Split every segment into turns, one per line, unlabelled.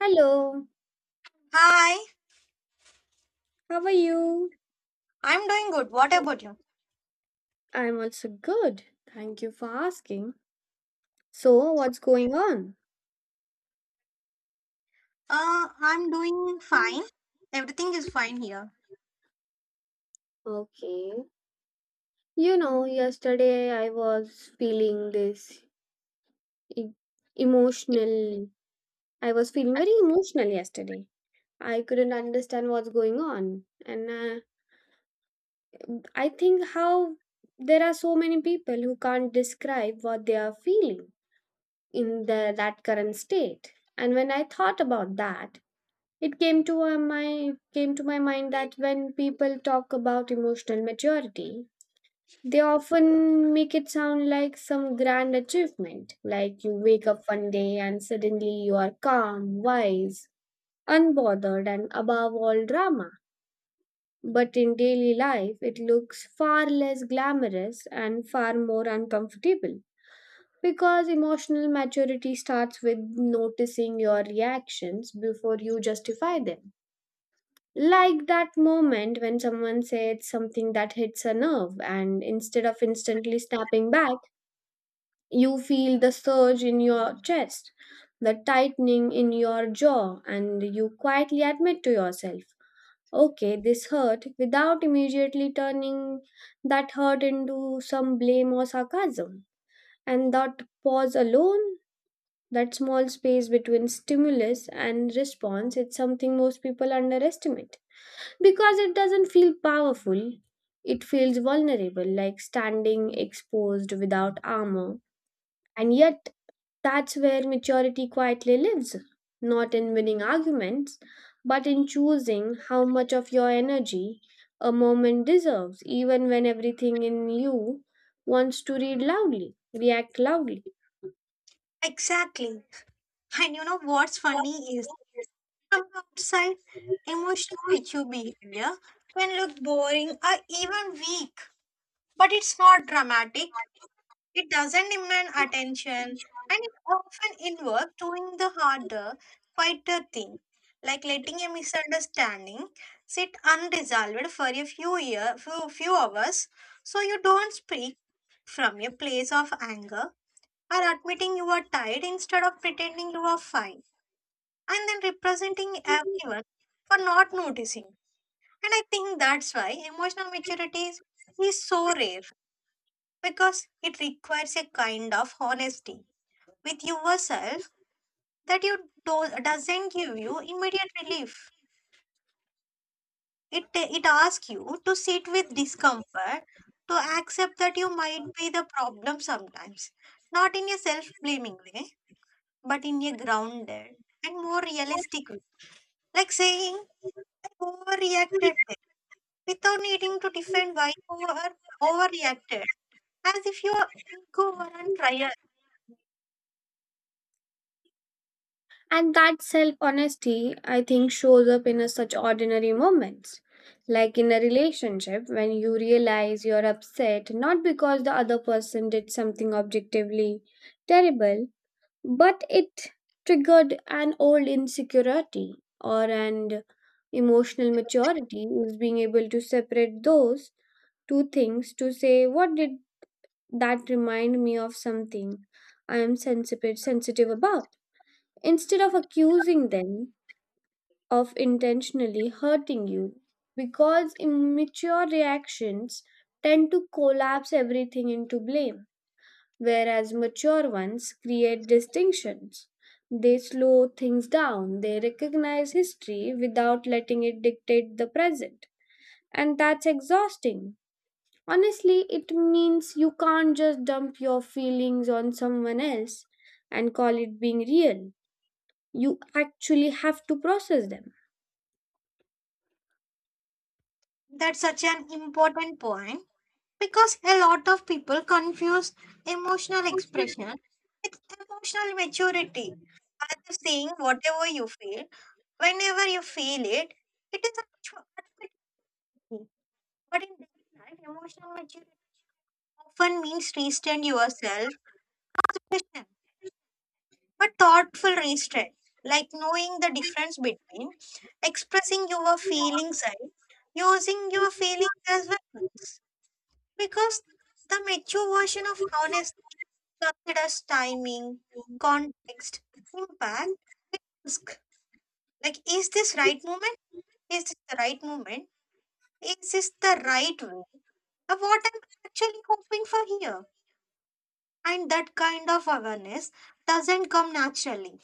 Hello,
Hi,
how are you?
I'm doing good. What about you?
I'm also good. Thank you for asking. So, what's going on?
I'm doing fine. Everything is fine here.
Okay. You know, yesterday I was feeling this e- emotional. I was feeling very emotional yesterday. I couldn't understand what's going on. And I think how there are so many people who can't describe what they are feeling in that current state. And when I thought about that, it came to my mind that when people talk about emotional maturity, they often make it sound like some grand achievement, like you wake up one day and suddenly you are calm, wise, unbothered and above all drama. But in daily life, it looks far less glamorous and far more uncomfortable. Because emotional maturity starts with noticing your reactions before you justify them. Like that moment when someone said something that hits a nerve, and instead of instantly snapping back, you feel the surge in your chest, the tightening in your jaw, and you quietly admit to yourself, okay, this hurt, without immediately turning that hurt into some blame or sarcasm. And that pause alone, that small space between stimulus and response, it's something most people underestimate. Because it doesn't feel powerful, it feels vulnerable, like standing exposed without armor. And yet, that's where maturity quietly lives, not in winning arguments, but in choosing how much of your energy a moment deserves, even when everything in you wants to read loudly, react loudly.
Exactly. And you know what's funny is from outside, emotional mature behavior can look boring or even weak, but it's not dramatic. It doesn't demand attention and it often involves doing the harder, quieter thing, like letting a misunderstanding sit unresolved for a few hours so you don't speak from a place of anger or admitting you are tired instead of pretending you are fine and then representing everyone for not noticing. And I think that's why emotional maturity is so rare because it requires a kind of honesty with yourself that doesn't give you immediate relief. It asks you to sit with discomfort, to accept that you might be the problem sometimes, not in a self blaming way, but in a grounded and more realistic way. Like saying I overreacted there," without needing to defend why you were overreacted, as if your ego were on trial.
And that self honesty, I think, shows up in a such ordinary moments. Like in a relationship, when you realize you're upset not because the other person did something objectively terrible, but it triggered an old insecurity or an emotional maturity is being able to separate those two things to say, what did that remind me of something I am sensitive about? Instead of accusing them of intentionally hurting you, because immature reactions tend to collapse everything into blame, whereas mature ones create distinctions. They slow things down, they recognize history without letting it dictate the present. And that's exhausting, honestly. It means you can't just dump your feelings on someone else and call it being real. You actually have to process them.
That's such an important point because a lot of people confuse emotional expression with emotional maturity. As if saying whatever you feel, whenever you feel it, it is actu- automatically. But in daily life, emotional maturity often means restrain yourself, question, but thoughtful restraint, like knowing the difference between expressing your feelings and using your feelings as weapons. Because the mature version of honesty considers timing, context, impact, risk. Like, Is this the right moment? Is this the right way of what I'm actually hoping for here? And that kind of awareness doesn't come naturally.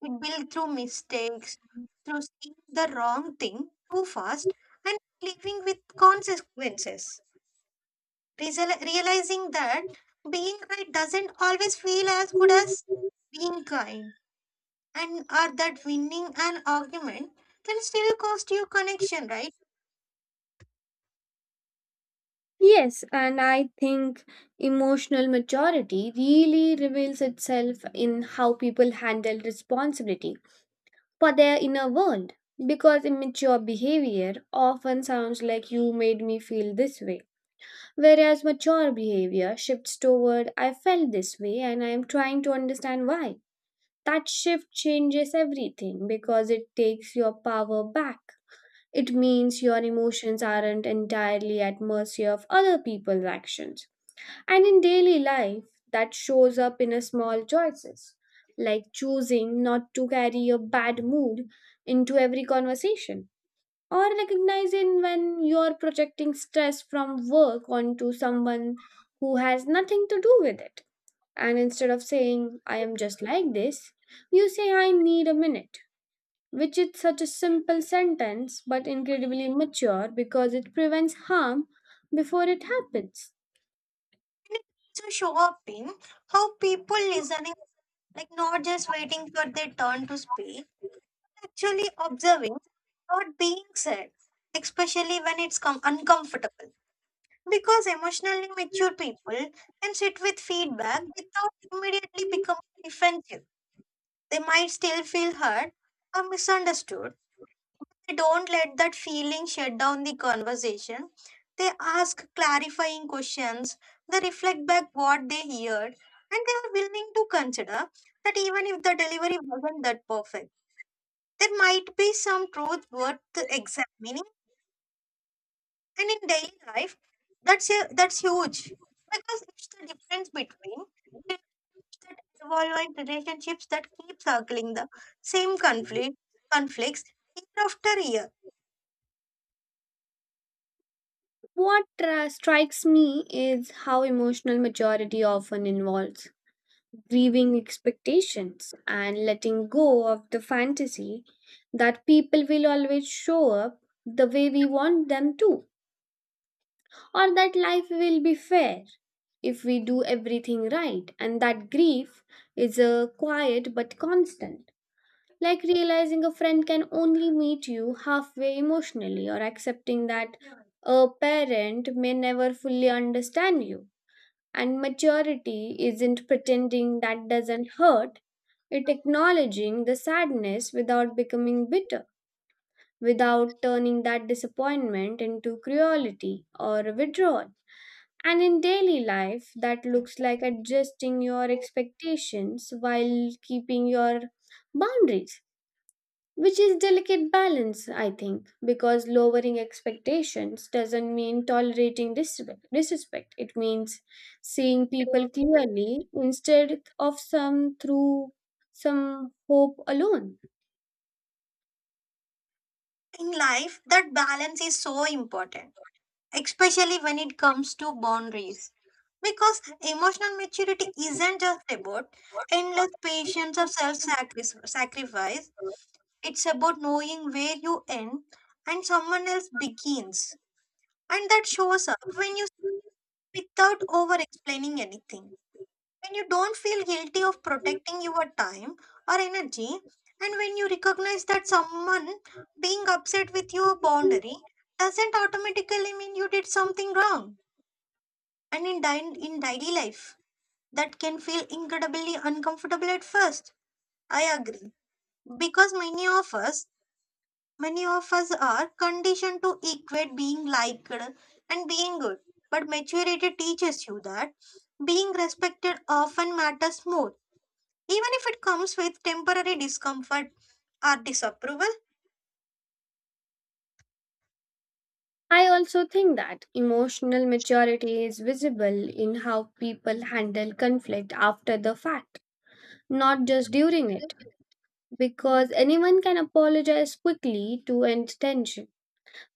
It builds through mistakes, through seeing the wrong thing too fast, and living with consequences. Realizing that being right doesn't always feel as good as being kind and or that winning an argument can still cost you connection, right?
Yes, and I think emotional maturity really reveals itself in how people handle responsibility for their inner world. Because immature behavior often sounds like you made me feel this way, whereas mature behavior shifts toward I felt this way and I am trying to understand why. That shift changes everything because it takes your power back. It means your emotions aren't entirely at mercy of other people's actions. And in daily life, that shows up in a small choices, like choosing not to carry a bad mood into every conversation or recognizing when you're projecting stress from work onto someone who has nothing to do with it. And instead of saying, I am just like this, you say, I need a minute, which is such a simple sentence but incredibly mature because it prevents harm before it happens.
And it also show up in how people listening, like not just waiting for their turn to speak, actually observing what being said, especially when it's uncomfortable. Because emotionally mature people can sit with feedback without immediately becoming defensive. They might still feel hurt or misunderstood. They don't let that feeling shut down the conversation. They ask clarifying questions, they reflect back what they heard, and they are willing to consider that even if the delivery wasn't that perfect, there might be some truth worth examining. And in daily life, that's huge because it's the difference between relationships that evolve and relationships that keep circling the same conflicts year after year.
What strikes me is how emotional maturity often involves grieving expectations and letting go of the fantasy that people will always show up the way we want them to, or that life will be fair if we do everything right. And that grief is a quiet but constant, like realizing a friend can only meet you halfway emotionally, or accepting that a parent may never fully understand you. And maturity isn't pretending that doesn't hurt, it acknowledging the sadness without becoming bitter, without turning that disappointment into cruelty or withdrawal. And in daily life, that looks like adjusting your expectations while keeping your boundaries, which is delicate balance I think, because lowering expectations doesn't mean tolerating disrespect. It means seeing people clearly instead of some through some hope alone.
In life that balance is so important, especially when it comes to boundaries, because emotional maturity isn't just about endless patience or self-sacrifice. It's about knowing where you end and someone else begins, and that shows up when you speak without over explaining anything, when you don't feel guilty of protecting your time or energy, and when you recognize that someone being upset with your boundary doesn't automatically mean you did something wrong. And in daily life, that can feel incredibly uncomfortable at first. I agree. Because many of us are conditioned to equate being liked and being good. But maturity teaches you that being respected often matters more, even if it comes with temporary discomfort or disapproval.
I also think that emotional maturity is visible in how people handle conflict after the fact, not just during it, because anyone can apologize quickly to end tension.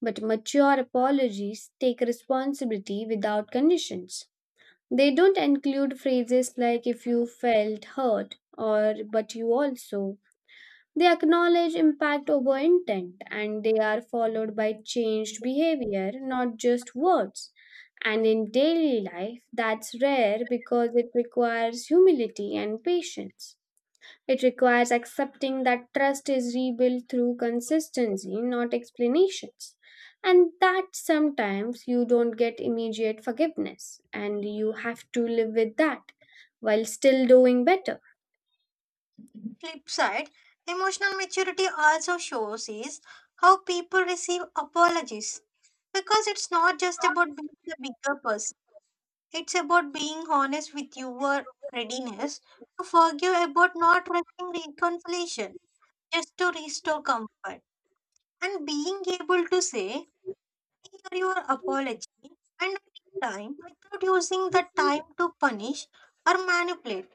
But mature apologies take responsibility without conditions. They don't include phrases like if you felt hurt or but you also. They acknowledge impact over intent and they are followed by changed behavior, not just words. And in daily life, that's rare because it requires humility and patience. It requires accepting that trust is rebuilt through consistency, not explanations, and that sometimes you don't get immediate forgiveness, and you have to live with that while still doing better.
Flip side, emotional maturity also shows is how people receive apologies because it's not just about being the bigger person. It's about being honest with your readiness to forgive, about not rushing reconciliation just to restore comfort, and being able to say "Hear your apology and time without using the time to punish or manipulate.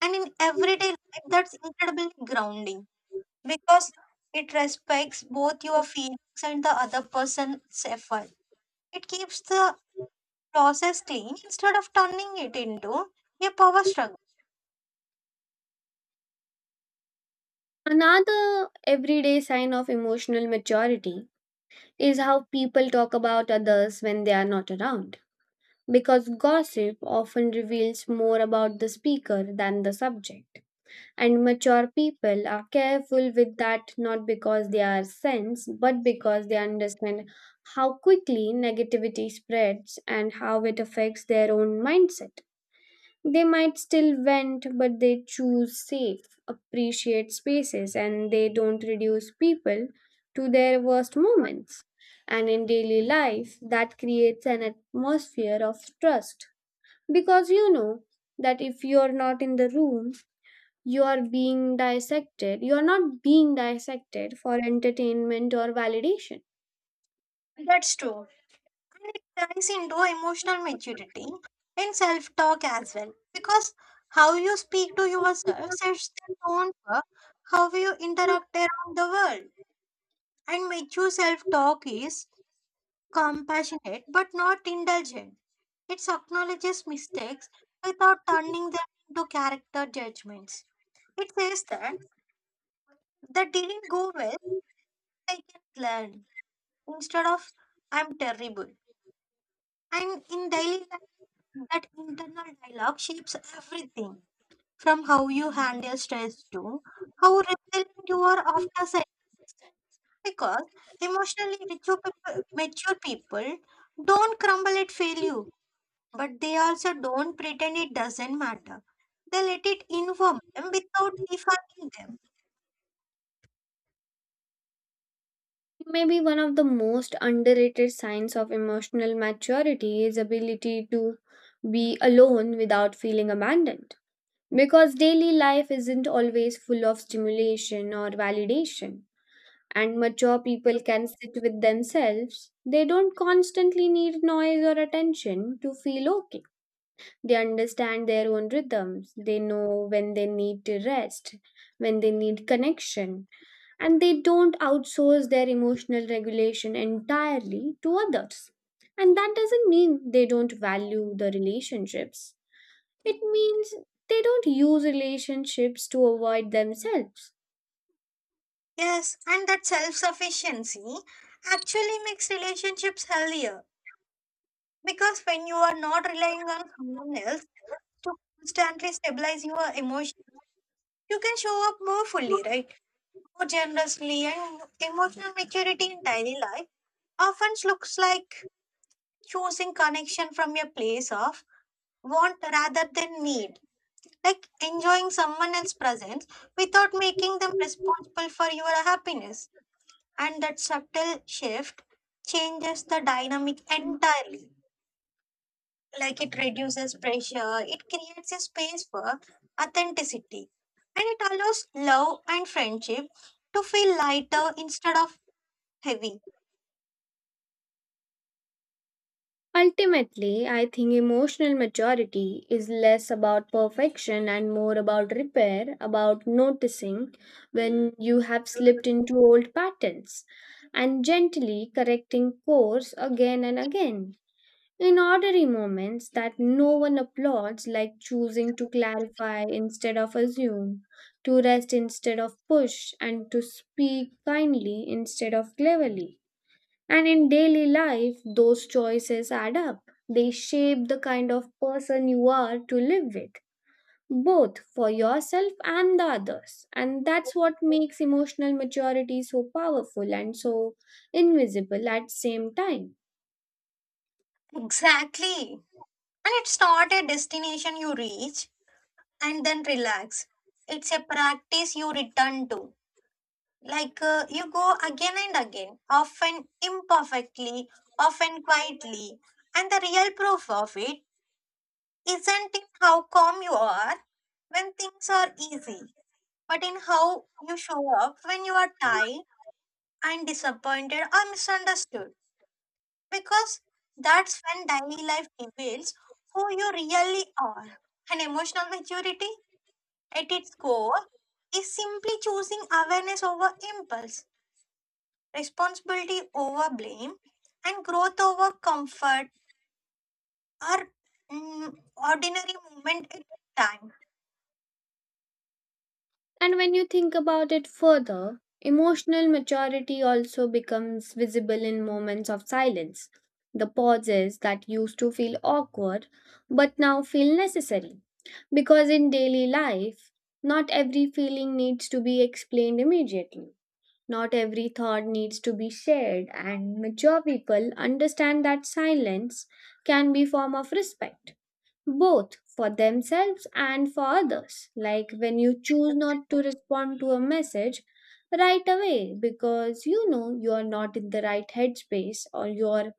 And in everyday life, that's incredibly grounding because it respects both your feelings and the other person's effort. It keeps the process clean instead of turning it into a power struggle.
Another everyday sign of emotional maturity is how people talk about others when they are not around, because gossip often reveals more about the speaker than the subject. And mature people are careful with that not because they are saints, but because they understand how quickly negativity spreads and how it affects their own mindset. They might still vent, but they choose safe, appreciate spaces, and they don't reduce people to their worst moments. And in daily life, that creates an atmosphere of trust. Because you know that if you're not in the room, you are being dissected. You are not being dissected for entertainment or validation.
That's true. And it ties into emotional maturity and self talk as well because how you speak to yourself sets the tone for how you interact around the world. And mature self talk is compassionate but not indulgent. It acknowledges mistakes without turning them into character judgments. It says that that didn't go well, I can learn, instead of I'm terrible. And in daily life, that internal dialogue shapes everything from how you handle stress to how resilient you are after sex. Because emotionally mature people don't crumble at failure, but they also don't pretend it doesn't matter. They let it inform them without defining them.
Maybe one of the most underrated signs of emotional maturity is ability to be alone without feeling abandoned. Because daily life isn't always full of stimulation or validation, and mature people can sit with themselves. They don't constantly need noise or attention to feel okay. They understand their own rhythms. They know when they need to rest, when they need connection, and they don't outsource their emotional regulation entirely to others. And that doesn't mean they don't value the relationships, it means they don't use relationships to avoid themselves.
Yes, and that self sufficiency actually makes relationships healthier because when you are not relying on someone else to constantly stabilize your emotions, you can show up more fully, right? More generously, and emotional maturity in daily life often looks like choosing connection from a place of want rather than need, like enjoying someone else's presence without making them responsible for your happiness. And that subtle shift changes the dynamic entirely. Like it reduces pressure, it creates a space for authenticity, and it allows love and friendship to feel lighter instead of heavy.
Ultimately, I think emotional maturity is less about perfection and more about repair, about noticing when you have slipped into old patterns and gently correcting course again and again. In ordinary moments that no one applauds, like choosing to clarify instead of assume, to rest instead of push, and to speak kindly instead of cleverly. And in daily life, those choices add up. They shape the kind of person you are to live with, both for yourself and the others. And that's what makes emotional maturity so powerful and so invisible at the same time.
Exactly. And it's not a destination you reach and then relax, it's a practice you return to, like you go again and again, often imperfectly, often quietly. And the real proof of it isn't in how calm you are when things are easy, but in how you show up when you are tired and disappointed or misunderstood. Because that's when daily life reveals who you really are. And emotional maturity, at its core, is simply choosing awareness over impulse, responsibility over blame, and growth over comfort, are mm, ordinary moment at time.
And when you think about it further, emotional maturity also becomes visible in moments of silence. The pauses that used to feel awkward but now feel necessary. Because in daily life, not every feeling needs to be explained immediately. Not every thought needs to be shared, and mature people understand that silence can be form of respect both for themselves and for others. Like when you choose not to respond to a message right away because you know you are not in the right headspace, or you're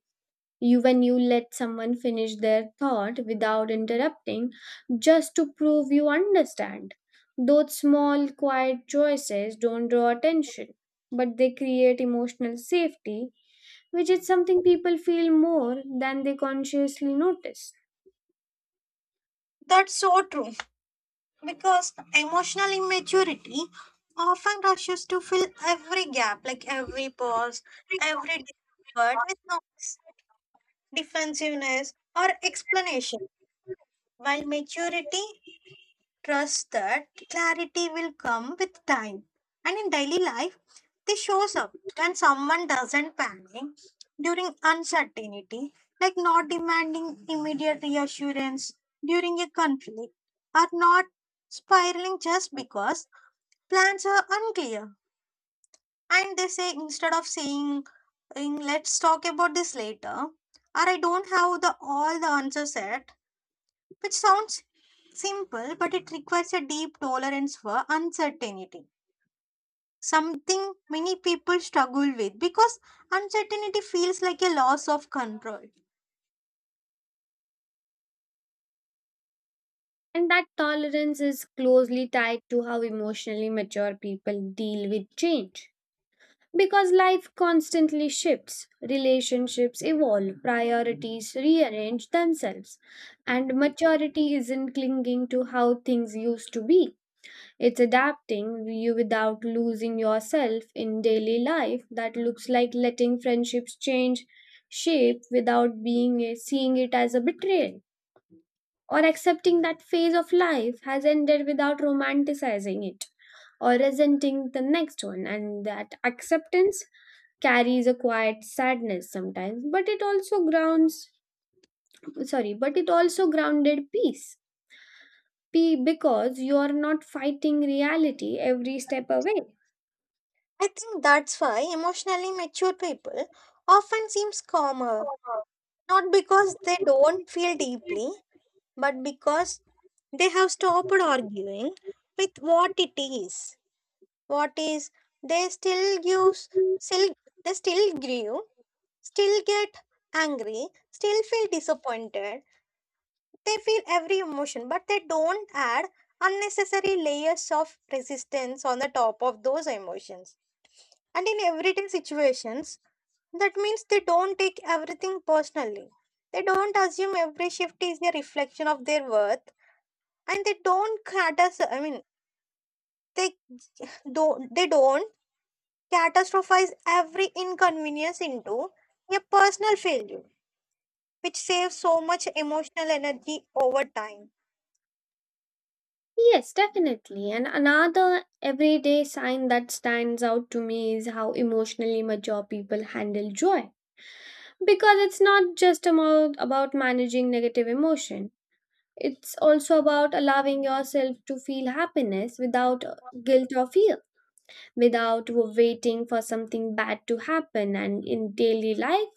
you when you let someone finish their thought without interrupting just to prove you understand, those small quiet choices don't draw attention, but they create emotional safety, which is something people feel more than they consciously notice.
That's so true because emotional immaturity often rushes to fill every gap, like every pause, every discomfort with noise, defensiveness or explanation, while maturity trusts that clarity will come with time. And in daily life this shows up when someone doesn't panic during uncertainty, like not demanding immediate reassurance during a conflict, or not spiraling just because plans are unclear. And they say instead of saying, "In, let's talk about this later, or I don't have the all the answers yet, which sounds simple, but it requires a deep tolerance for uncertainty. Something many people struggle with because uncertainty feels like a loss of control.
And that tolerance is closely tied to how emotionally mature people deal with change. Because life constantly shifts, relationships evolve, priorities rearrange themselves. And maturity isn't clinging to how things used to be, it's adapting you without losing yourself in daily life. That looks like letting friendships change shape without being seeing it as a betrayal, or accepting that phase of life has ended without romanticizing it or resenting the next one. And that acceptance carries a quiet sadness sometimes, but it also grounded peace P because you are not fighting reality every step away.
I think that's why emotionally mature people often seems calmer, not because they don't feel deeply, but because they have stopped arguing with what it is. What is they still use still they still grieve, still get angry, still feel disappointed. They feel every emotion, but they don't add unnecessary layers of resistance on the top of those emotions. And in everyday situations, that means they don't take everything personally. They don't assume every shift is a reflection of their worth, and they don't they don't they don't catastrophize every inconvenience into a personal failure, which saves so much emotional energy over time.
Yes, definitely, and another everyday sign that stands out to me is how emotionally mature people handle joy. Because it's not just about managing negative emotion. It's also about allowing yourself to feel happiness without guilt or fear, without waiting for something bad to happen. And in daily life,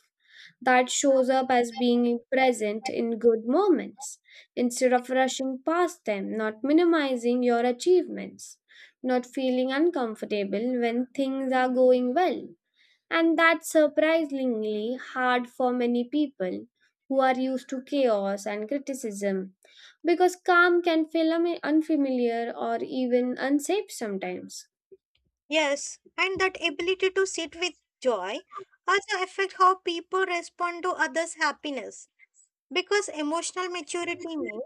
that shows up as being present in good moments instead of rushing past them, not minimizing your achievements, not feeling uncomfortable when things are going well. And that's surprisingly hard for many people who are used to chaos and criticism, because calm can feel unfamiliar or even unsafe sometimes.
Yes, and that ability to sit with joy also affect how people respond to others' happiness. Because emotional maturity means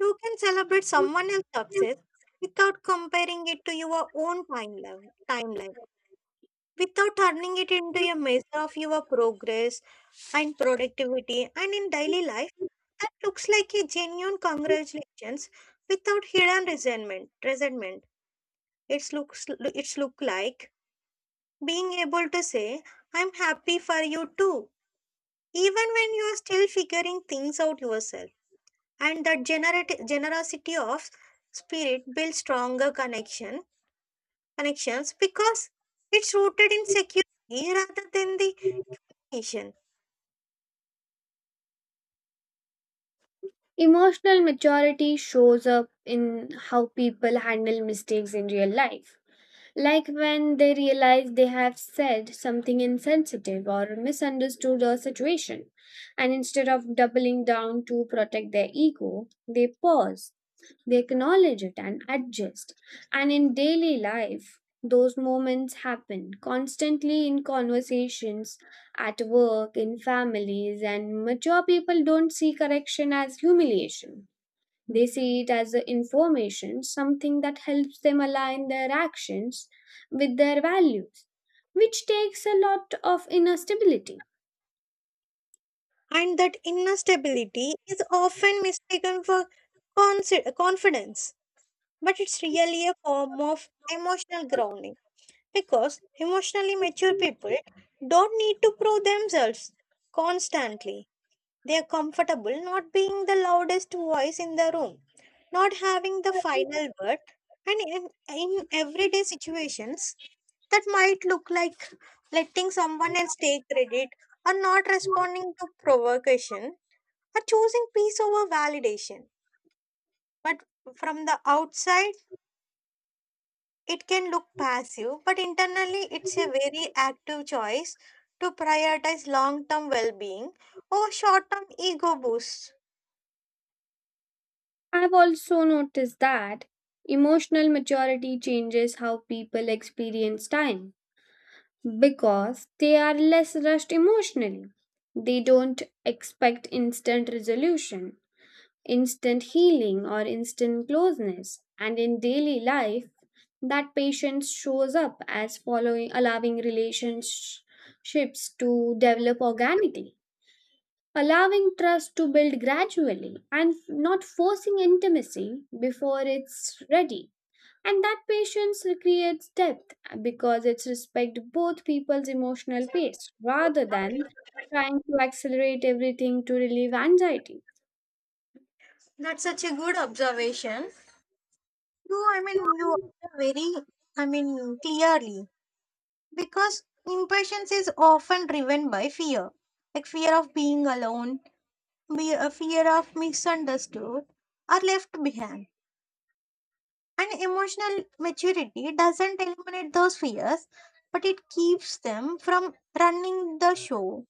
you can celebrate someone else's success without comparing it to your own timeline, without turning it into a measure of your progress and productivity. And in daily life, that looks like a genuine congratulations without hidden resentment. Resentment. It's looks. It's look like Being able to say, I'm happy for you too, even when you are still figuring things out yourself. And that generosity of spirit builds stronger connections because it's rooted in security rather than the nation.
Emotional maturity shows up in how people handle mistakes in real life, like when they realize they have said something insensitive or misunderstood a situation, and instead of doubling down to protect their ego, they pause. They acknowledge it and adjust. And in daily life, those moments happen constantly in conversations, at work, in families, and mature people don't see correction as humiliation. They see it as the information, something that helps them align their actions with their values, which takes a lot of inner stability.
And that inner stability is often mistaken for confidence, but it's really a form of emotional grounding. Because emotionally mature people don't need to prove themselves constantly. They are comfortable not being the loudest voice in the room, not having the final word, and in everyday situations that might look like letting someone else take credit, or not responding to provocation, or choosing peace over validation. But from the outside, it can look passive, but internally it's a very active choice to prioritize long term well being over short term ego boosts.
I've also noticed that emotional maturity changes how people experience time because they are less rushed emotionally. They don't expect instant resolution, instant healing, or instant closeness. And in daily life, that patience shows up as following allowing relationships to develop organically, allowing trust to build gradually, and not forcing intimacy before it's ready. And that patience creates depth because it respects both people's emotional pace rather than trying to accelerate everything to relieve anxiety.
That's such a good observation. You are clearly, because impatience is often driven by fear, like fear of being alone, fear of misunderstood or left behind. And emotional maturity doesn't eliminate those fears, but it keeps them from running the show.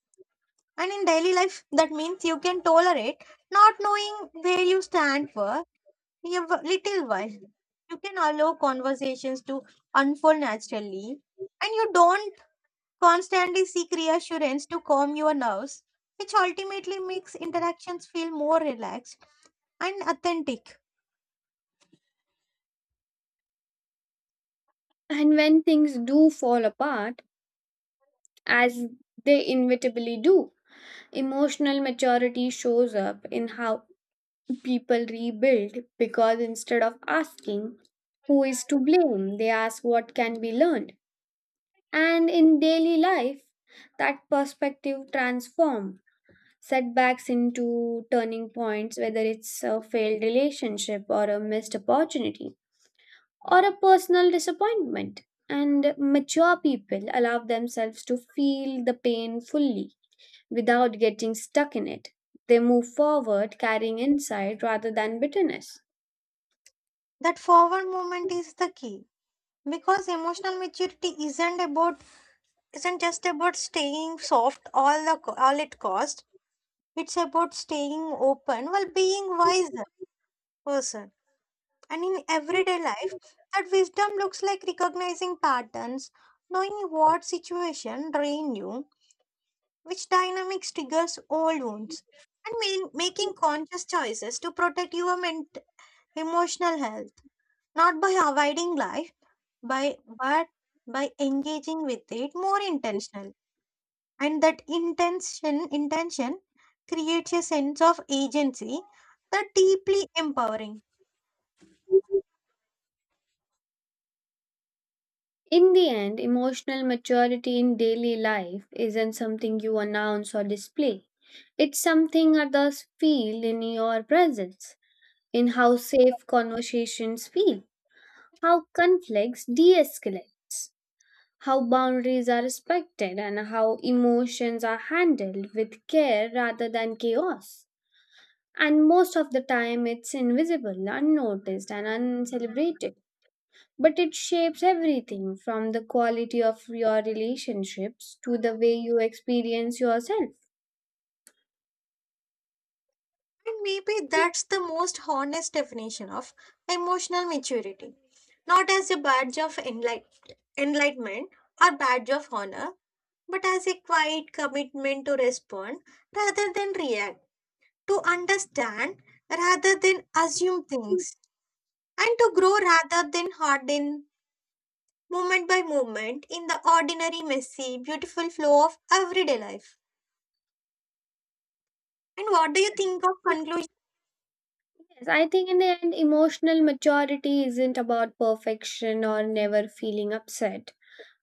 And in daily life, that means you can tolerate not knowing where you stand for little while. You can allow conversations to unfold naturally, and you don't constantly seek reassurance to calm your nerves, which ultimately makes interactions feel more relaxed and authentic.
And when things do fall apart, as they inevitably do, emotional maturity shows up in how people rebuild, because instead of asking who is to blame, they ask what can be learned. And in daily life, that perspective transforms setbacks into turning points, whether it's a failed relationship or a missed opportunity or a personal disappointment. And mature people allow themselves to feel the pain fully without getting stuck in it. They move forward carrying insight rather than bitterness.
That forward movement is the key. Because emotional maturity isn't just about staying soft all at cost. It's about staying open while being wise person. And in everyday life that wisdom looks like recognizing patterns, knowing what situation drain you, which dynamics triggers old wounds, and making conscious choices to protect your emotional health, not by avoiding life by but by engaging with it more intentional. And that intention creates a sense of agency that deeply empowering.
In the end, emotional maturity in daily life isn't something you announce or display. It's something others feel in your presence. In how safe conversations feel, how conflicts de escalate, how boundaries are respected, and how emotions are handled with care rather than chaos. And most of the time, it's invisible, unnoticed, and uncelebrated. But it shapes everything from the quality of your relationships to the way you experience yourself.
And maybe that's the most honest definition of emotional maturity, not as a badge of enlightenment or badge of honor, but as a quiet commitment to respond rather than react, to understand rather than assume things, and to grow rather than harden, moment by moment in the ordinary, messy, beautiful flow of everyday life. And what do you think of conclusion?
Yes, I think in the end, emotional maturity isn't about perfection or never feeling upset.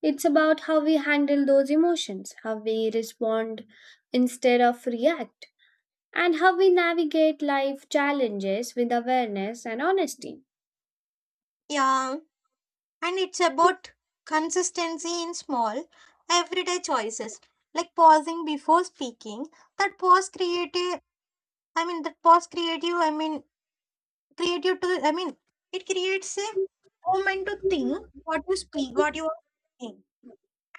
It's about how we handle those emotions, how we respond instead of react, and how we navigate life challenges with awareness and honesty.
Yeah, and it's about consistency in small, everyday choices, like pausing before speaking. That pause creative, I mean, that pause creative, I mean, creative to, I mean, it creates a moment to think what you speak, what you are saying,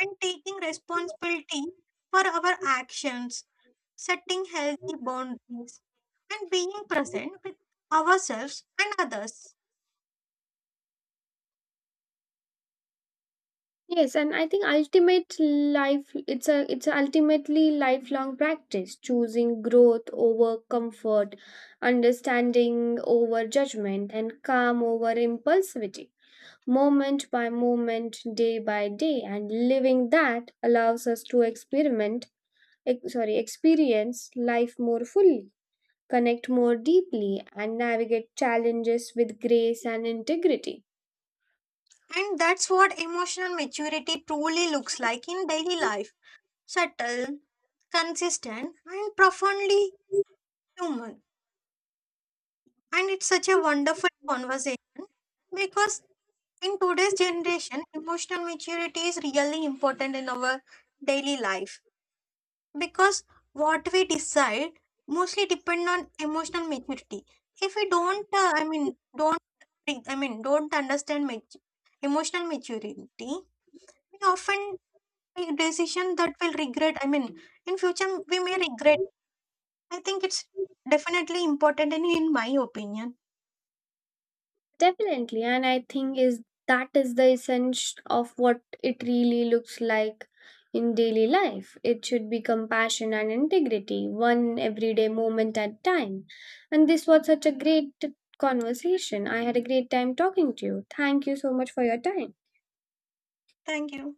and taking responsibility for our actions, setting healthy boundaries, and being present with ourselves and others.
Yes, and I think ultimate life it's a ultimately lifelong practice, choosing growth over comfort, understanding over judgment, and calm over impulsivity, moment by moment, day by day, and living that allows us to experiment ex- sorry experience life more fully, connect more deeply, and navigate challenges with grace and integrity.
And that's what emotional maturity truly looks like in daily life, subtle, consistent, and profoundly human. And it's such a wonderful conversation because in today's generation, emotional maturity is really important in our daily life. Because what we decide mostly depend on emotional maturity. If we don't don't understand emotional maturity, we often make decision that will regret I mean in future we may regret. I think it's definitely important, in my opinion.
Definitely, and I think is the essence of what it really looks like in daily life. It should be compassion and integrity, one everyday moment at time. And this was such a great conversation. I had a great time talking to you. Thank you so much for your time.
Thank you.